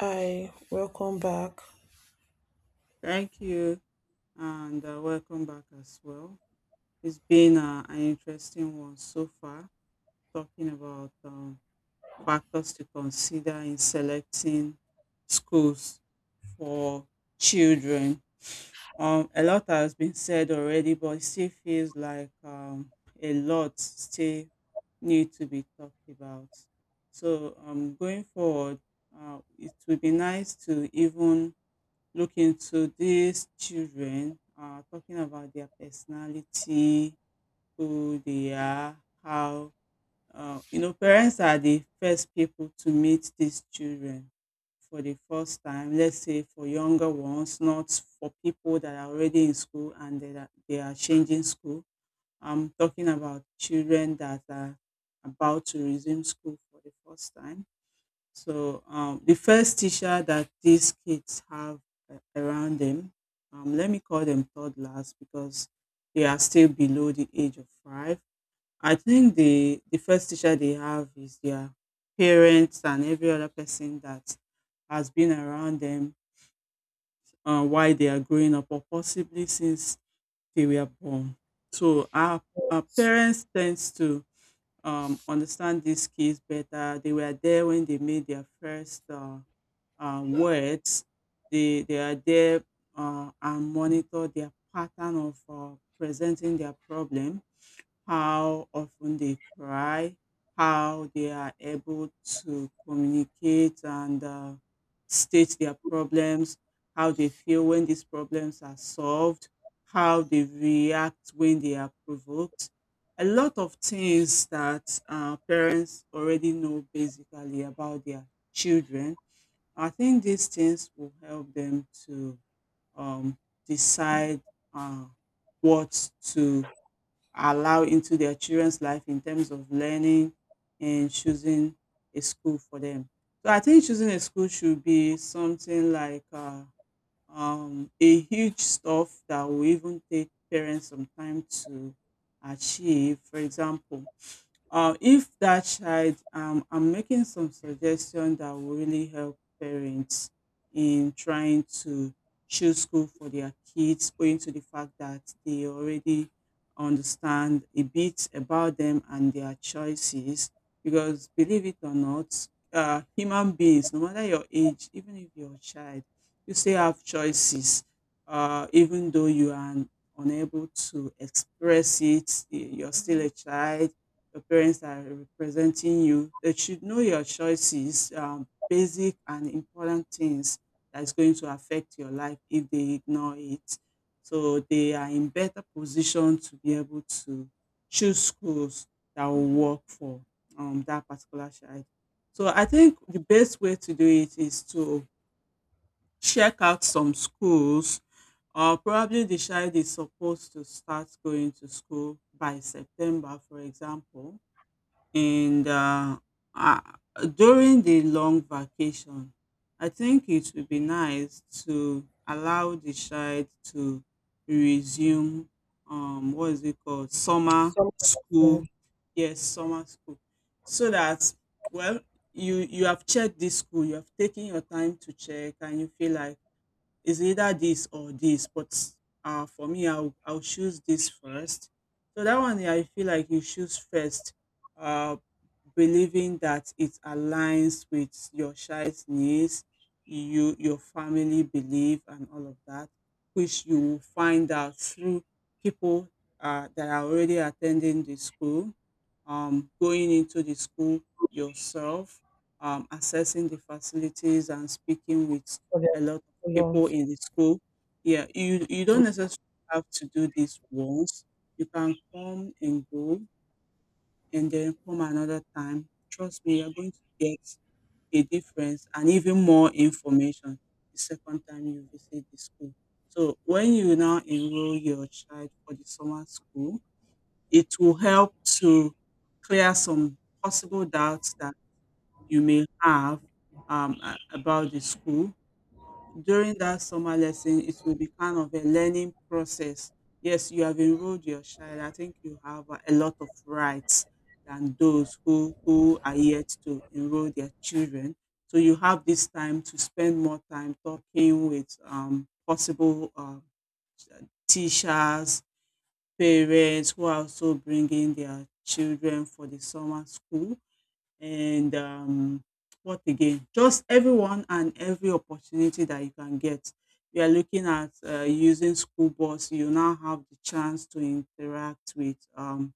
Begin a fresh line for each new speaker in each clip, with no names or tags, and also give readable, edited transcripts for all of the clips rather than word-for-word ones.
Hi, welcome back.
Thank you and welcome back as well. It's been an interesting one so far, talking about factors to consider in selecting schools for children. A lot has been said already, but it still feels like a lot still need to be talked about. So going forward, it would be nice to even look into these children, talking about their personality, who they are, how, parents are the first people to meet these children for the first time. Let's say for younger ones, not for people that are already in school and they are changing school. I'm talking about children that are about to resume school for the first time. So the first teacher that these kids have around them, let me call them toddlers because they are still below the age of 5. I think the first teacher they have is their parents and every other person that has been around them while they are growing up or possibly since they were born. So our parents tend to understand these kids better. They were there when they made their first words. They are there and monitor their pattern of presenting their problem, how often they cry, how they are able to communicate and state their problems, how they feel when these problems are solved, how they react when they are provoked. A lot of things that parents already know basically about their children. I think these things will help them to um, decide uh, what to allow into their children's life in terms of learning and choosing a school for them. So I think choosing a school should be something like a huge stuff that will even take parents some time to achieve. For example, if that child, I'm making some suggestion that will really help parents in trying to choose school for their kids, owing to the fact that they already understand a bit about them and their choices. Because believe it or not, human beings, no matter your age, even if you're a child, you still have choices. Even though you are unable to express it, you're still a child. Your parents are representing you. They should know your choices, basic and important things that's going to affect your life if they ignore it. So they are in better position to be able to choose schools that will work for that particular child. So I think the best way to do it is to check out some schools, or probably the child is supposed to start going to school by September, for example, and uh, during the long vacation, I think it would be nice to allow the child to resume, um, what is it called, summer
Some of us,
school. Yes, summer school. So that, well, you have checked this school, you have taken your time to check, and you feel like it's either this or this, but for me, I'll choose this first. So that one, I feel like you choose first, uh, believing that it aligns with your child's needs, you, your family belief, and all of that, which you will find out through people that are already attending the school, going into the school yourself, assessing the facilities and speaking with
for their
a lot people
columns,
in the school. Yeah, you don't necessarily have to do this once. You can come and go and then come another time. Trust me, you're going to get a difference and even more information the second time you visit the school. So when you now enroll your child for the summer school, it will help to clear some possible doubts that you may have about the school. During that summer lesson, it will be kind of a learning process. Yes, you have enrolled your child. I think you have a lot of rights than those who are yet to enroll their children. So you have this time to spend more time talking with possible teachers, parents who are also bringing their children for the summer school, and what again? Just everyone and every opportunity that you can get. We are looking at using school bus. You now have the chance to interact with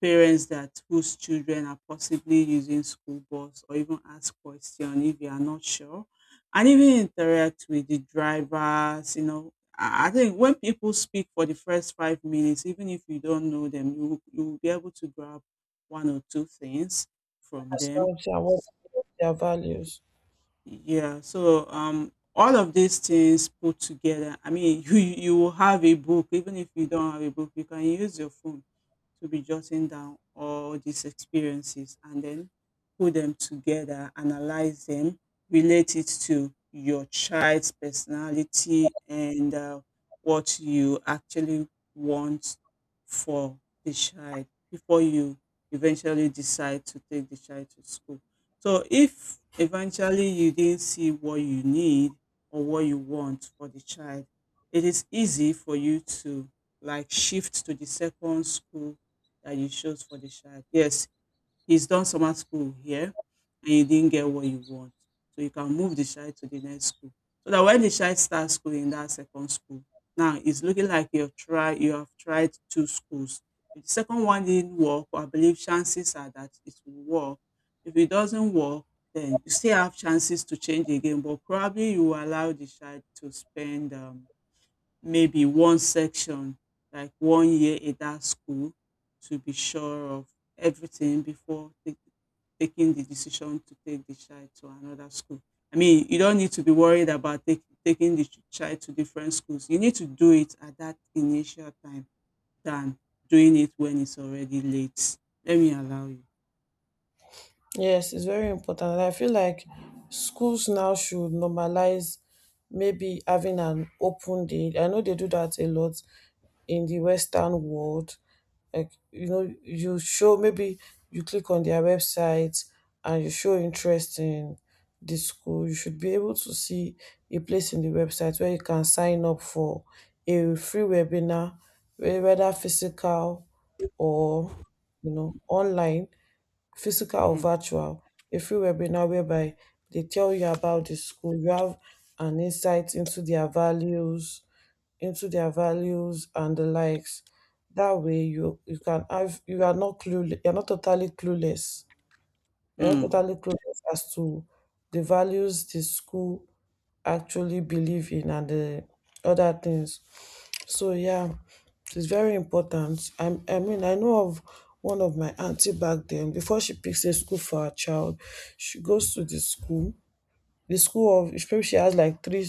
parents that whose children are possibly using school bus, or even ask question if you are not sure, and even interact with the drivers. You know, I think when people speak for the first 5 minutes, even if you don't know them, you will be able to grab one or two things from them.
personality and what is their values.
All of these things put together. I mean, you will have a book. Even if you don't have a book, you can use your phone to be jotting down all these experiences and then put them together, analyze them, relate it to your child's personality and what you actually want for the child before you eventually decide to take the child to school. So if eventually you didn't see what you need or what you want for the child, it is easy for you to like shift to the second school that you chose for the child. Yes, he's done summer school here and you didn't get what you want. So you can move the child to the next school. So that when the child starts school in that second school, now it's looking like you have tried two schools. If the second one didn't work, I believe chances are that it will work. If it doesn't work, then you still have chances to change again, but probably you will allow the child to spend, maybe one section, like 1 year at that school, to be sure of everything before taking the decision to take the child to another school. I mean, you don't need to be worried about taking the child to different schools. You need to do it at that initial time than doing it when it's already late. Let me allow you.
Yes, it's very important. And I feel like schools now should normalize maybe having an open day. I know they do that a lot in the Western world. Like, you show maybe you click on their website and you show interest in the school. You should be able to see a place in the website where you can sign up for a free webinar, whether physical or, online physical or
Mm.
virtual, a free webinar whereby they tell you about the school. You have an insight into their values and the likes. That way you can have you are not clueless, you're not totally clueless. You're not
Mm.
totally clueless as to the values the school actually believe in and the other things. So yeah, it's very important. I mean, I know of one of my auntie back then. Before she picks a school for her child, she goes to the school. The school of maybe she has like three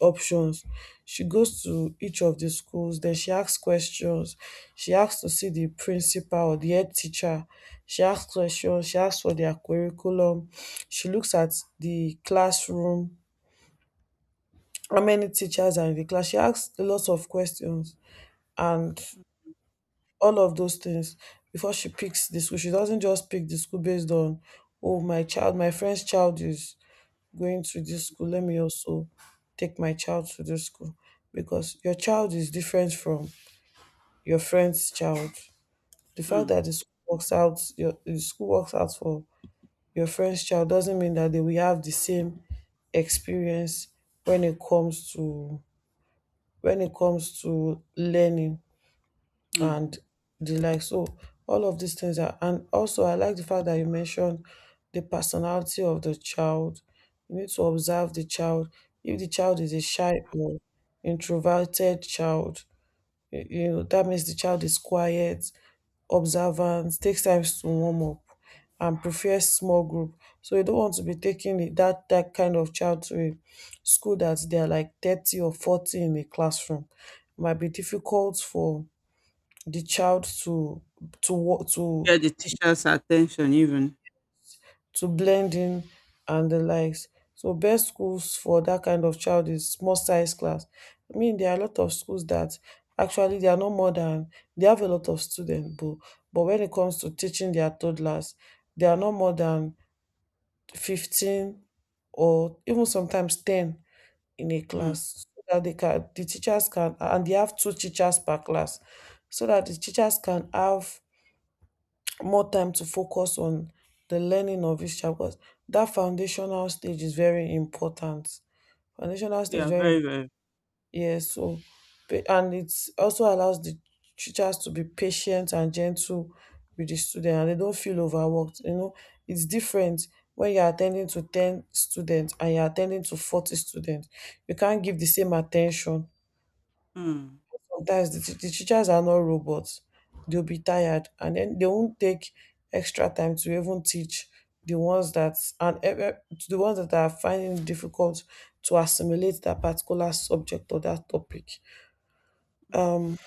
options. She goes to each of the schools. Then she asks questions. She asks to see the principal or the head teacher. She asks questions. She asks for their curriculum. She looks at the classroom. How many teachers are in the class? She asks lots of questions and all of those things before she picks the school. She doesn't just pick the school based on, oh, my friend's child is going to this school. Let me also take my child to this school because your child is different from your friend's child. The fact that
Mm.
the school works out, your the school works out for your friend's child doesn't mean that they will have the same experience when it comes to when it comes to learning
Mm.
and the like. So all of these things are, and also I like the fact that you mentioned the personality of the child. You need to observe the child. If the child is a shy or introverted child, you know that means the child is quiet, observant, takes time to warm up, and prefers small group. So you don't want to be taking that kind of child to a school that they are like 30 or 40 in a classroom. It might be difficult for the child to wo-
Get the teacher's attention, even.
to blend in and the likes. So best schools for that kind of child is small size class. I mean there are a lot of schools that actually they are not more than they have a lot of students but when it comes to teaching their toddlers they are not more than 15 or even sometimes 10 in a
Mm.
class so that the teachers can and they have two teachers per class so that the teachers can have more time to focus on the learning of each child because that foundational stage is very important. Foundational stage is
Yeah,
very
very, very.
yes. So and it also allows the teachers to be patient and gentle with the student, and they don't feel overworked. You know, it's different when you're attending to 10 students and you're attending to 40 students. You can't give the same attention
Mm.
sometimes the teachers are not robots, they'll be tired and then they won't take extra time to even teach the ones that to the ones that are finding it difficult to assimilate that particular subject or that topic.
Mm.
um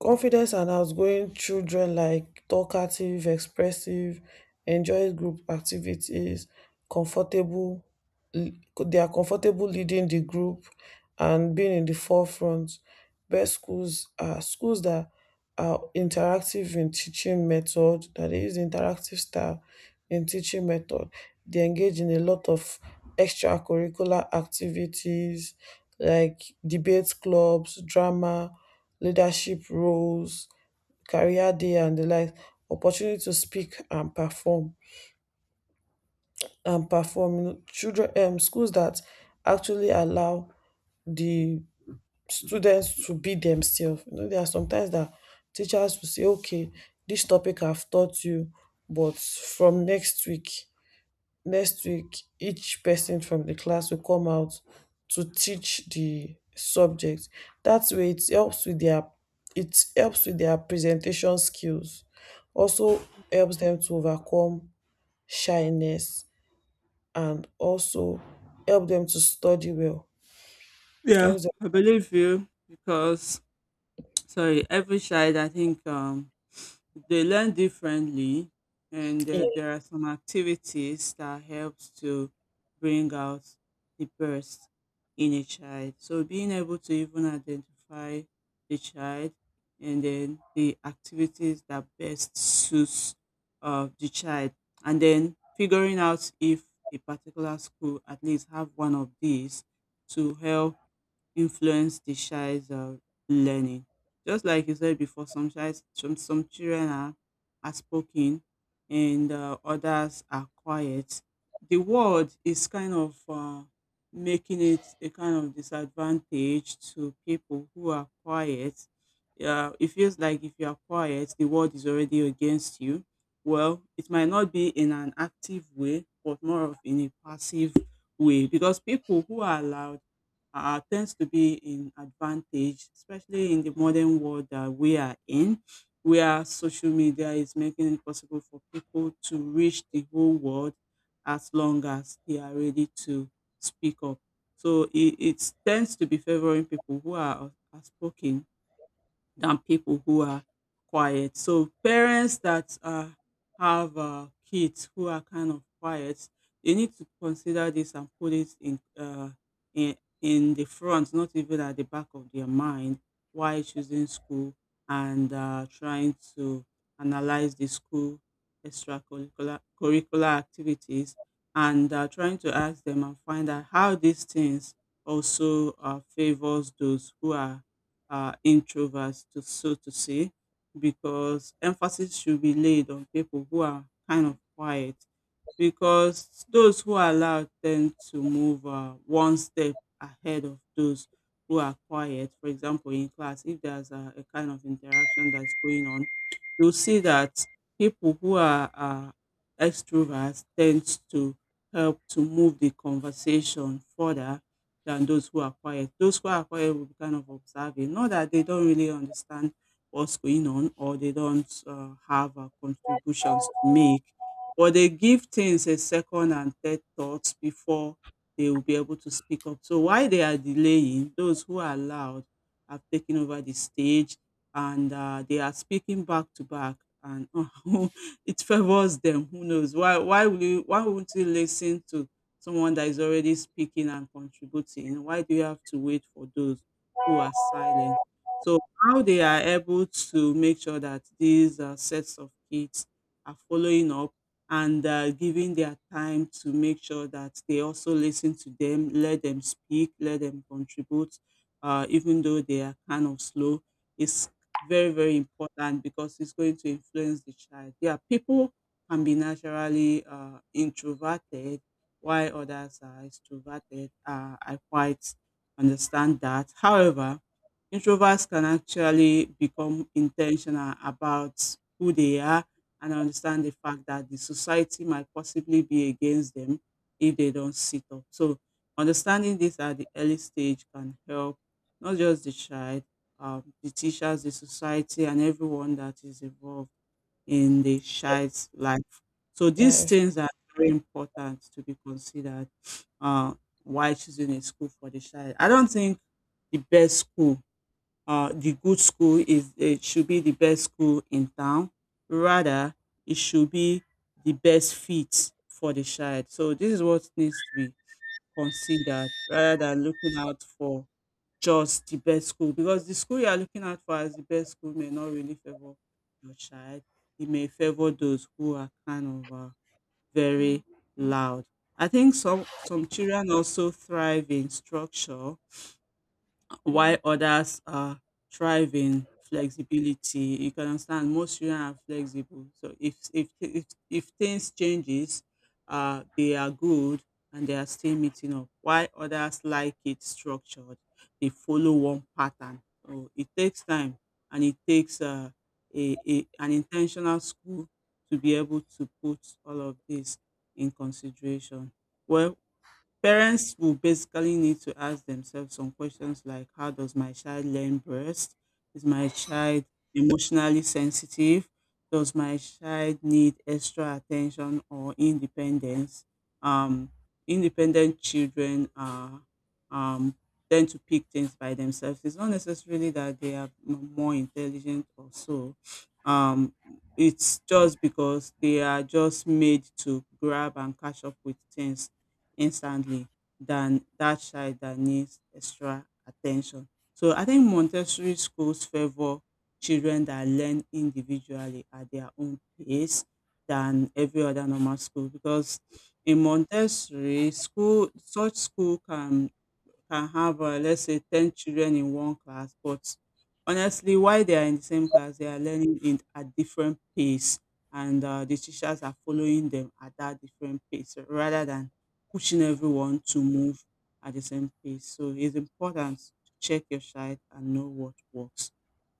Confidence and outgoing children like talkative, expressive, enjoy group activities, comfortable, they are comfortable leading the group and being in the forefront. Best schools are schools that are interactive in teaching method, that they use interactive style in teaching method. They engage in a lot of extracurricular activities like debate clubs, drama, leadership roles, career day and the like, opportunity to speak and perform. You know, children, schools that actually allow the students to be themselves. You know, there are sometimes that teachers will say, okay, this topic I've taught you, but from next week next week, each person from the class will come out to teach the subject. That way it helps with their presentation skills. Also helps them to overcome shyness and also help them to study well.
Yeah,
Helps them
I believe you, because sorry, every child I think they learn differently, and
in
there are some activities that helps to bring out the best in a child. So being able to even identify the child and then the activities that best suits the child, and then figuring out if a particular school at least have one of these to help influence the child's learning. Just like you said before, some child, some children are spoken and others are quiet. The world is kind of making it a kind of disadvantage to people who are quiet. It feels like if you are quiet, the world is already against you. Well, it might not be in an active way, but more of in a passive way because people who are loud tends to be in advantage, especially in the modern world that we are in, where social media is making it possible for people to reach the whole world as long as they are ready to speak up. So it tends to be favoring people who are outspoken than people who are quiet. So parents that have kids who are kind of quiet, they need to consider this and put it in in the front, not even at the back of their mind, while choosing school and trying to analyze the school extracurricular curricular activities and trying to ask them and find out how these things also favors those who are introverts, to, so to say, because emphasis should be laid on people who are kind of quiet. Because those who are loud tend to move one step ahead of those who are quiet. For example, in class, if there's a kind of interaction that's going on, you'll see that people who are extroverts tend to help to move the conversation further than those who are quiet. Those who are quiet will be kind of observing, not that they don't really understand what's going on or they don't have contributions to make, but they give things a second and third thoughts before they will be able to speak up. So while they are delaying, those who are loud have taken over the stage and they are speaking back to back. And it favors them. Who knows? Why? Why will you? Why won't you listen to someone that is already speaking and contributing? Why do you have to wait for those who are silent? So how they are able to make sure that these sets of kids are following up and giving their time to make sure that they also listen to them, let them speak, let them contribute, even though they are kind of slow, is very very important because it's going to influence the child. Yeah, people can be naturally introverted while others are extroverted. I quite understand that. However, introverts can actually become intentional about who they are and understand the fact that the society might possibly be against them if they don't sit up. So, understanding this at the early stage can help, not just the child, the teachers, the society, and everyone that is involved in the child's life. So, these
life.
things are very important to be considered uh, while choosing a school for the child. I don't think the best school, the good school, is it should be the best school in town. Rather, it should be the best fit for the child. So this is what needs to be considered rather than looking out for just the best school, because the school you are looking out for as the best school may not really favor your child. It may favor those who are kind of very loud. I think some children also thrive in structure while others are thriving flexibility. You can understand most children are flexible, so if things changes, they are good and they are still meeting up, while others like it structured, they follow one pattern. So it takes time and it takes a an intentional school to be able to put all of this in consideration. Well, parents will basically need to ask themselves some questions like, how does my child learn best? Is my child emotionally sensitive? Does my child need extra attention or independence? Um, Independent children are, um, tend to pick things by themselves. It's not necessarily that they are more intelligent or so. Um, it's just because they are just made to grab and catch up with things instantly than that child that needs extra attention. So I think Montessori schools favor children that learn individually at their own pace than every other normal school, because in Montessori school, such school can have, let's say, 10 children in one class, but honestly while they are in the same class they are learning in at different pace, and the teachers are following them at that different pace, rather than pushing everyone to move at the same pace. So it's important to check your child and know what works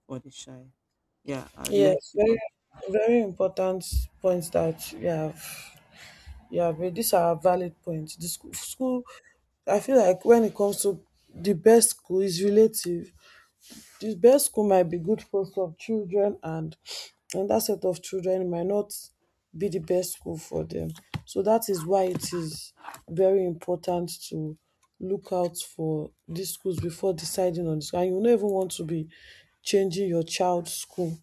for the child. Yeah, I like
Yes,
to
very
go.
very important points that you have. Yeah, but these are valid points. The school, I feel like when it comes to, the best school is relative, the best school might be good for some children and another set of children might not be the best school for them, so that is why it is very important to look out for these schools before deciding on this and you no even want to be changing your child's school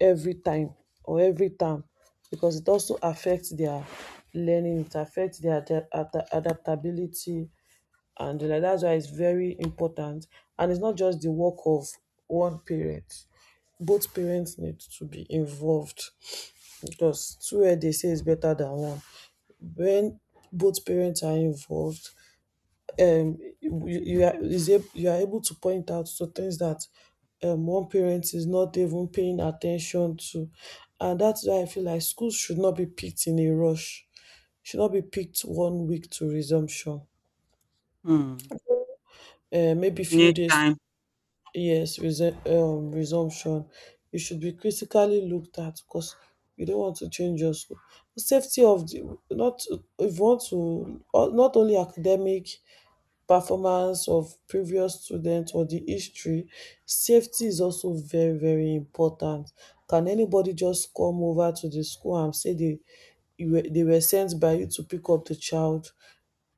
every time or every time, because it also affects their learning, it affects their adaptability and like, that's why it's very important. And it's not just the work of one parent, both parents need to be involved because two where they say is better than one. When both parents are involved, you are able to point out to things that one parent is not even paying attention to. And that's why I feel like schools should not be picked in a rush, should not be picked one week to resumption,
Hmm.
maybe few
Need
days.
time.
Yes, resumption. It should be critically looked at because you don't want to change your school. The safety of the, not if you want to, not only academic performance of previous students or the history, safety is also very very important. Can anybody just come over to the school and say they, you were, they were sent by you to pick up the child?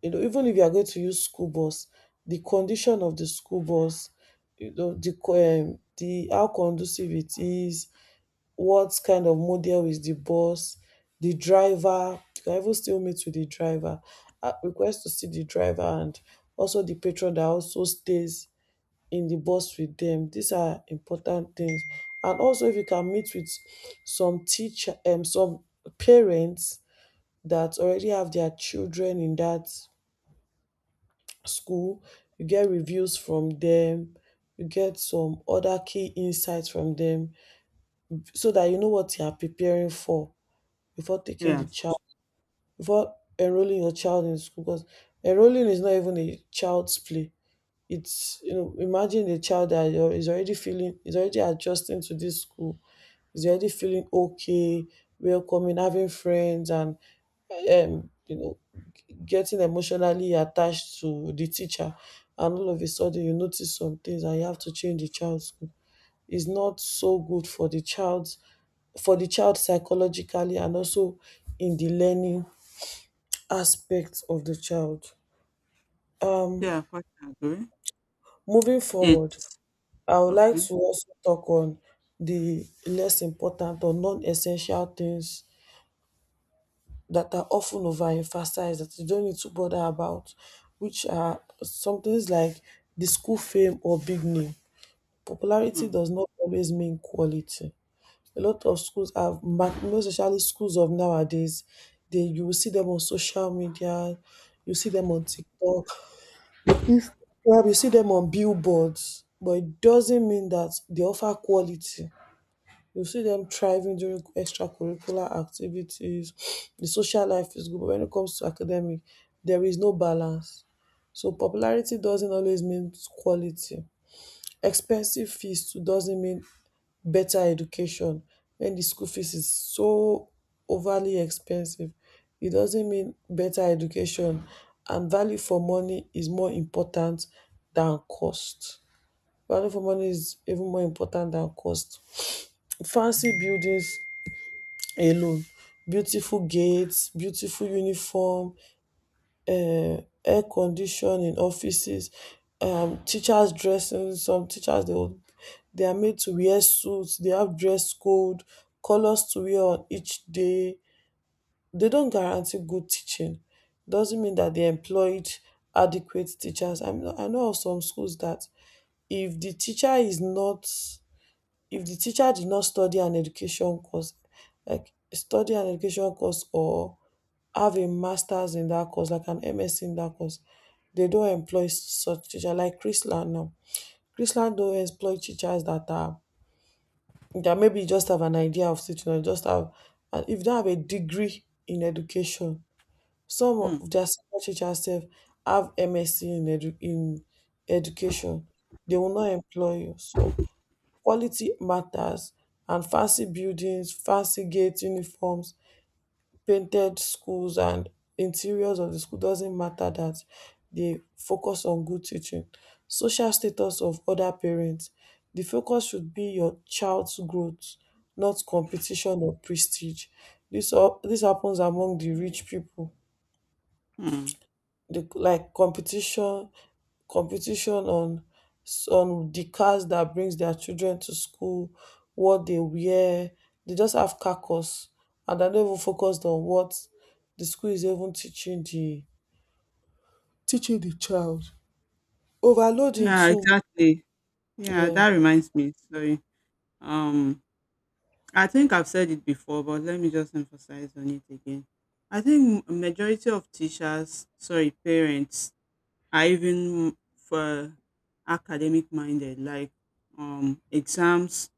You know, even if you are going to use school bus, the condition of the school bus, you know, the how conducive it is, what kind of model is the bus, the driver, you can even still meet with the driver, request to see the driver and also the patron that also stays in the bus with them, these are important things. And also if you can meet with some teacher, some parents that already have their children in that school, you get reviews from them, you get some other key insights from them so that you know what you are preparing for before taking the
Yes.
child, before enrolling your child in school. Because enrolling is not even a child's play. It's, you know, imagine a child that is already feeling, is already adjusting to this school, is already feeling okay, welcoming, having friends and, you know, getting emotionally attached to the teacher and all of a sudden you notice some things and you have to change the child's school. It's not so good for the child's for the child psychologically and also in the learning aspect of the child. Um,
Yeah, quite agree.
moving forward,
It's
I would like
okay.
to also talk on the less important or non-essential things that are often overemphasized that you don't need to bother about, which are some things like the school fame or big name. Popularity
Hmm.
does not always mean quality. A lot of schools have, most especially schools of nowadays, they, you will see them on social media, you see them on TikTok, Instagram, you see them on billboards, but it doesn't mean that they offer quality. You see them thriving during extracurricular activities. The social life is good, but when it comes to academic, there is no balance. So popularity doesn't always mean quality. Expensive fees too doesn't mean better education. When the school fees is so overly expensive, it doesn't mean better education. And value for money is more important than cost. Value for money is even more important than cost. Fancy buildings alone. Beautiful gates, beautiful uniform, air condition in offices, teachers dressing. Some teachers they will- They are made to wear suits. They have dress code, colors to wear on each day. They don't guarantee good teaching. Doesn't mean that they employed adequate teachers. I know of some schools that, if the teacher is not if the teacher did not study an education course, like study an education course or have a master's in that course like an msc in that course, they don't employ such teacher. Like Chrisland now, Chrisland don't employ teachers that are, that maybe just have an idea of teaching or just have and if they have a degree in education, some
Hmm.
of their senior teachers sef have msc in education, they will not employ you. So quality matters, and fancy buildings, fancy gate, uniforms, painted schools and interiors of the school doesn't matter, that dey focus on good teaching. Social status of other parents, the focus should be your child's growth, not competition or prestige. Dis happens among the rich pipu,
Hmm.
the like competition on, on the cars that brings their children to school, what they wear, they just have carcass and they're not even focused on what the school is even teaching the child. Overloading
Yeah,
too.
exactly. Yeah,
yeah
that reminds me. Sorry. Um, I think I've said it before, but let me just emphasize on it again. I think majority of teachers, sorry, parents, are even for academic minded, like exams,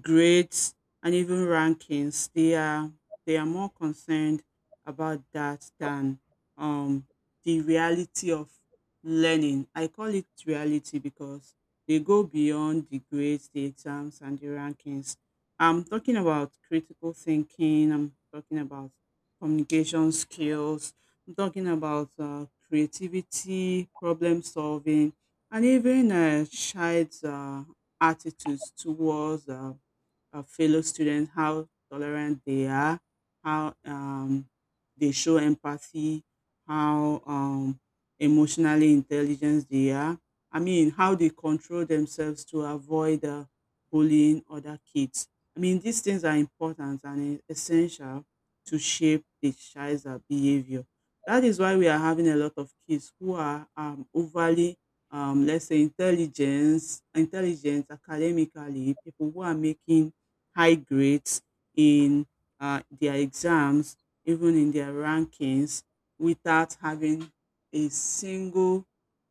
grades, and even rankings. They are more concerned about that than, um, the reality of learning. I call it reality because they go beyond the grades, the exams, and the rankings. I'm talking about critical thinking. I'm talking about communication skills. I'm talking about creativity, problem solving, and even a child's attitudes towards fellow students, how tolerant they are, how they show empathy, how emotionally intelligent they are. I mean, how they control themselves to avoid bullying other kids. I mean, these things are important and essential to shape the child's behavior. That is why we are having a lot of kids who are overly let's say intelligent academically, people who are making high grades in their exams, even in their rankings, without having a single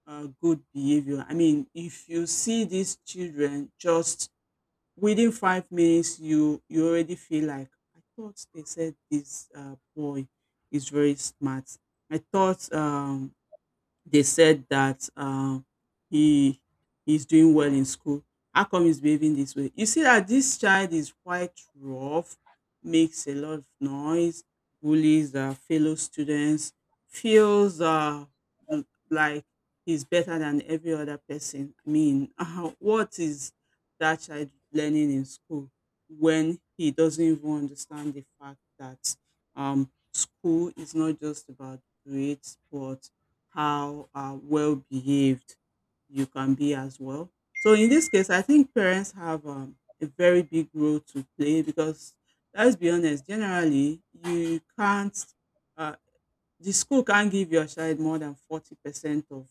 good behavior. I mean, if you see these children just within 5 minutes, you already feel like, I thought they said this boy is very smart. I thought they said that he he's doing well in school. How come he's behaving this way? You see that this child is quite rough, makes a lot of noise, bullies fellow students, feels like he's better than every other person. I mean, what is that child learning in school when he doesn't even understand the fact that school is not just about grades, but how well behaved you can be as well. So in this case, I think parents have a very big role to play, because let's be honest, generally you can't. uh, the school can't give your child more than 40% of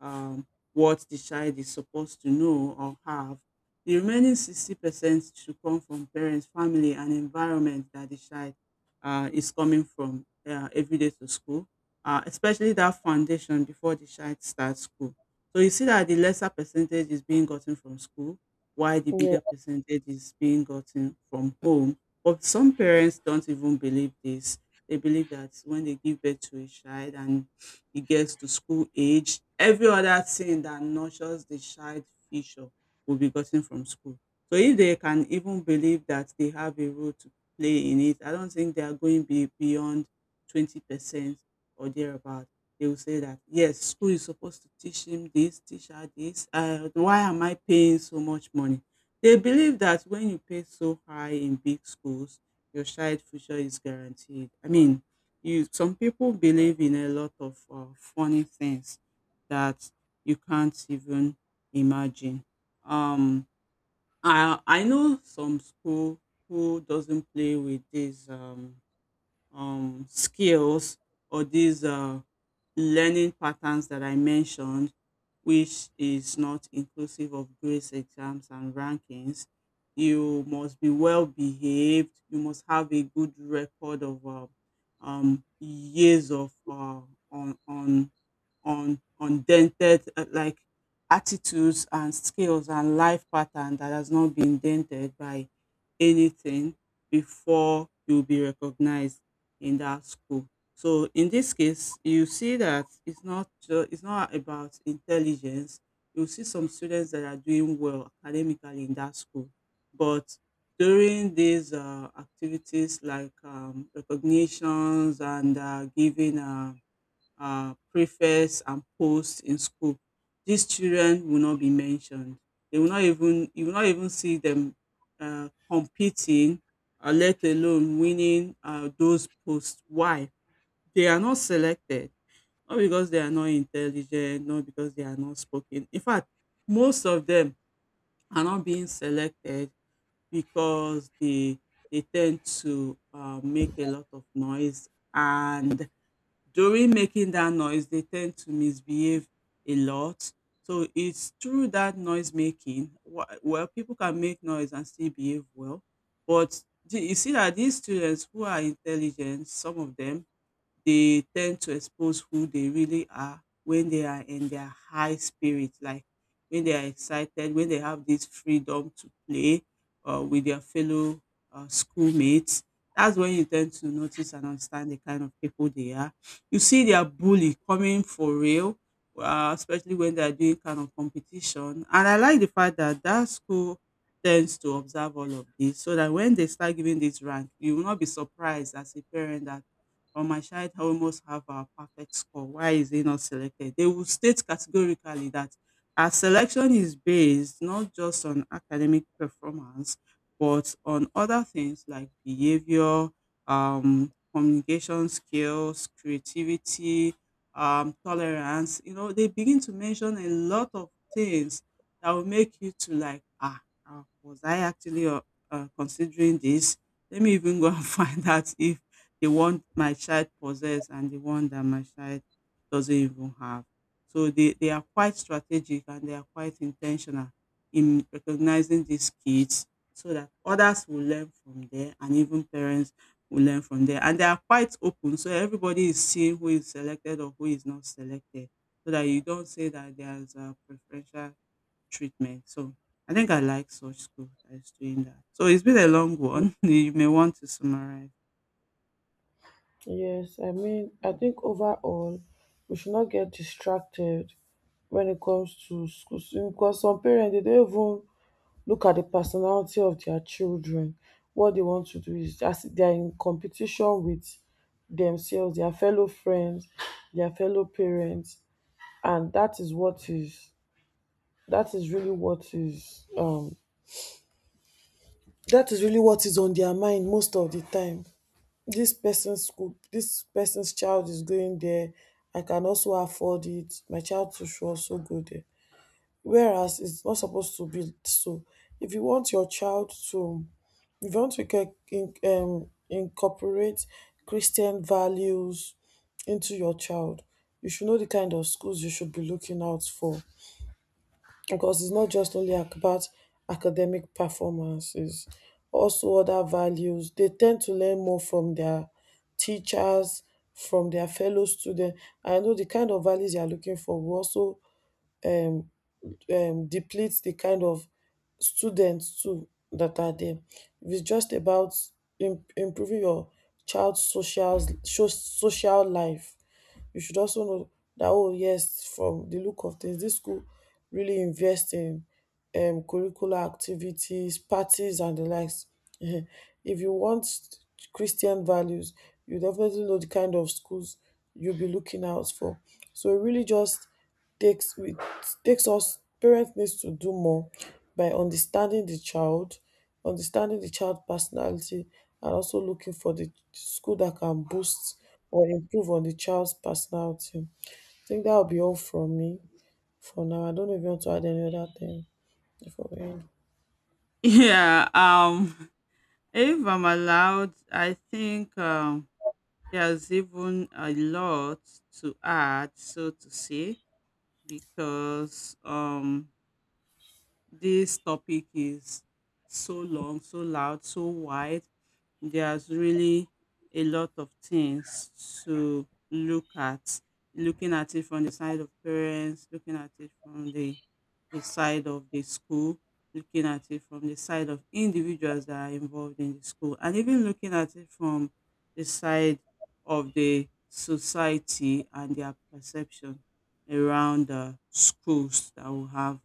um, what the child is supposed to know or have. The remaining 60% should come from parents, family, and environment that the child is coming from, every day to school, especially that foundation before the child starts school. So you see that the lesser percentage is being gotten from school, while the
yeah
bigger percentage is being gotten from home. But some parents don't even believe this. They believe that when they give birth to a child and it gets to school age, every other thing that nurtures the child future will be gotten from school. So if they can even believe that they have a role to play in it, I don't think they are going be beyond 20% or thereabout. They will say that, yes, school is supposed to teach him this, teach her this. Why am I paying so much money? They believe that when you pay so high in big schools, your child future is guaranteed. I mean, you, some people believe in a lot of funny things that you can't even imagine. Um, I know some school who doesn't play with these skills or these learning patterns that I mentioned, which is not inclusive of grades, exams, and rankings. You must be well behaved. You must have a good record of years of on on on undented like attitudes and skills and life pattern that has not been dented by anything before you'll be recognized in that school. So in this case, you see that it's not it's not about intelligence. You see some students that are doing well academically in that school, but during these activities like recognitions and giving preface and posts in school, these children will not be mentioned. They will not even You will not even see them competing, let alone winning those posts. Why? They are not selected, not because they are not intelligent, not because they are not spoken. In fact, most of them are not being selected because they tend to make a lot of noise, and during making that noise, they tend to misbehave a lot. So it's through that noise making. Well, people can make noise and still behave well, but you see that these students who are intelligent, some of them, they tend to expose who they really are when they are in their high spirit, like when they are excited, when they have this freedom to play with their fellow schoolmates. That's when you tend to notice and understand the kind of people they are. You see their bully coming for real, especially when they are doing kind of competition. And I like the fact that that school tends to observe all of this, so that when they start giving this rank, you will not be surprised as a parent that, or my child almost have a perfect score, why is he not selected? They will state categorically that our selection is based not just on academic performance, but on other things like behavior, communication skills, creativity, tolerance. You know, they begin to mention a lot of things that will make you to like, ah, ah, was I actually considering this? Let me even go and find out if the one my child possess and the one that my child doesn't even have. So they are quite strategic and they are quite intentional in recognizing these kids so that others will learn from there and even parents will learn from there. And they are quite open. So everybody is seeing who is selected or who is not selected. So that you don't say that there's a preferential treatment. So I think I like such school that is doing that. So it's been a long
y-
one. You may want to summarize.
yes I mean, I think overall we should not get distracted when it comes to school, because some parents they don't even look at the personality of their children. What they want to do is, as they are in competition with themselves, their fellow friends, their fellow parents, and that is what is, that is really what is um that is really what is on their mind most of the time. This person's school, this person's child is going there. I can also afford it. My child too should also go there. Whereas it's not supposed to be so. If you want your child to, if you want to incorporate Christian values into your child, you should know the kind of schools you should be looking out for, because it's not just only about academic performances. Also other values, they tend to learn more from their teachers, from their fellow students. I know the kind of values they are looking for will also um deplete the kind of students too that are there. If it's just about improving your child's social life, you should also know that, oh yes, from the look of things, this school really invest in, curricular activities, parties, and the likes. If you want Christian values, you definitely know the kind of schools you'll be looking out for. So it really just takes with takes, us parents needs to do more by understanding the child, understanding the child personality, and also looking for the school that can boost or improve on the child's personality. I think that will be all from me for now. I don't know if you want to add any other thing before we end.
Yeah, if I'm allowed, I think there's even a lot to add, so to say, because this topic is so long, so loud, so wide. There's really a lot of things to look at. Looking at it from the side of parents, looking at it from the side of the school, looking at it from the side of individuals that are involved in the school, and even looking at it from the side of the society and their perception around the schools that will have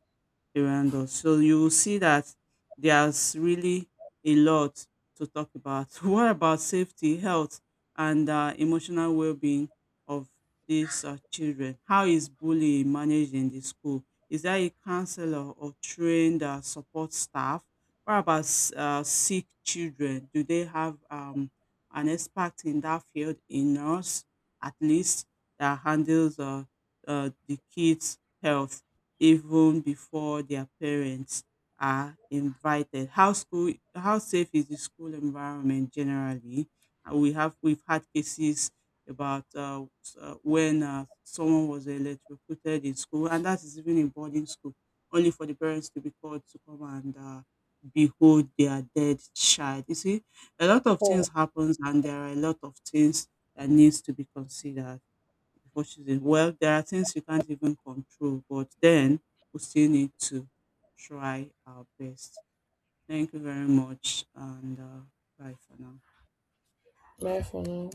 around us. So you will see that there's really a lot to talk about. What about safety, health, and emotional well-being of these children? How is bullying managed in the school? Is there a counselor or trained support staff? What about sick children? Do they have an expert in that field, a nurse at least, that handles the kids' health, even before their parents are invited? How safe is the school environment generally? We've had cases about when someone was electrocuted in school, and that is even in boarding school, only for the parents to be called to come and behold their dead child. You see, a lot of
All
things
right,
happens, and there are a lot of things that needs to be considered before choosing. Well, there are things you can't even control, but then we still need to try our best. Thank you very much, and bye for now.
bye for now.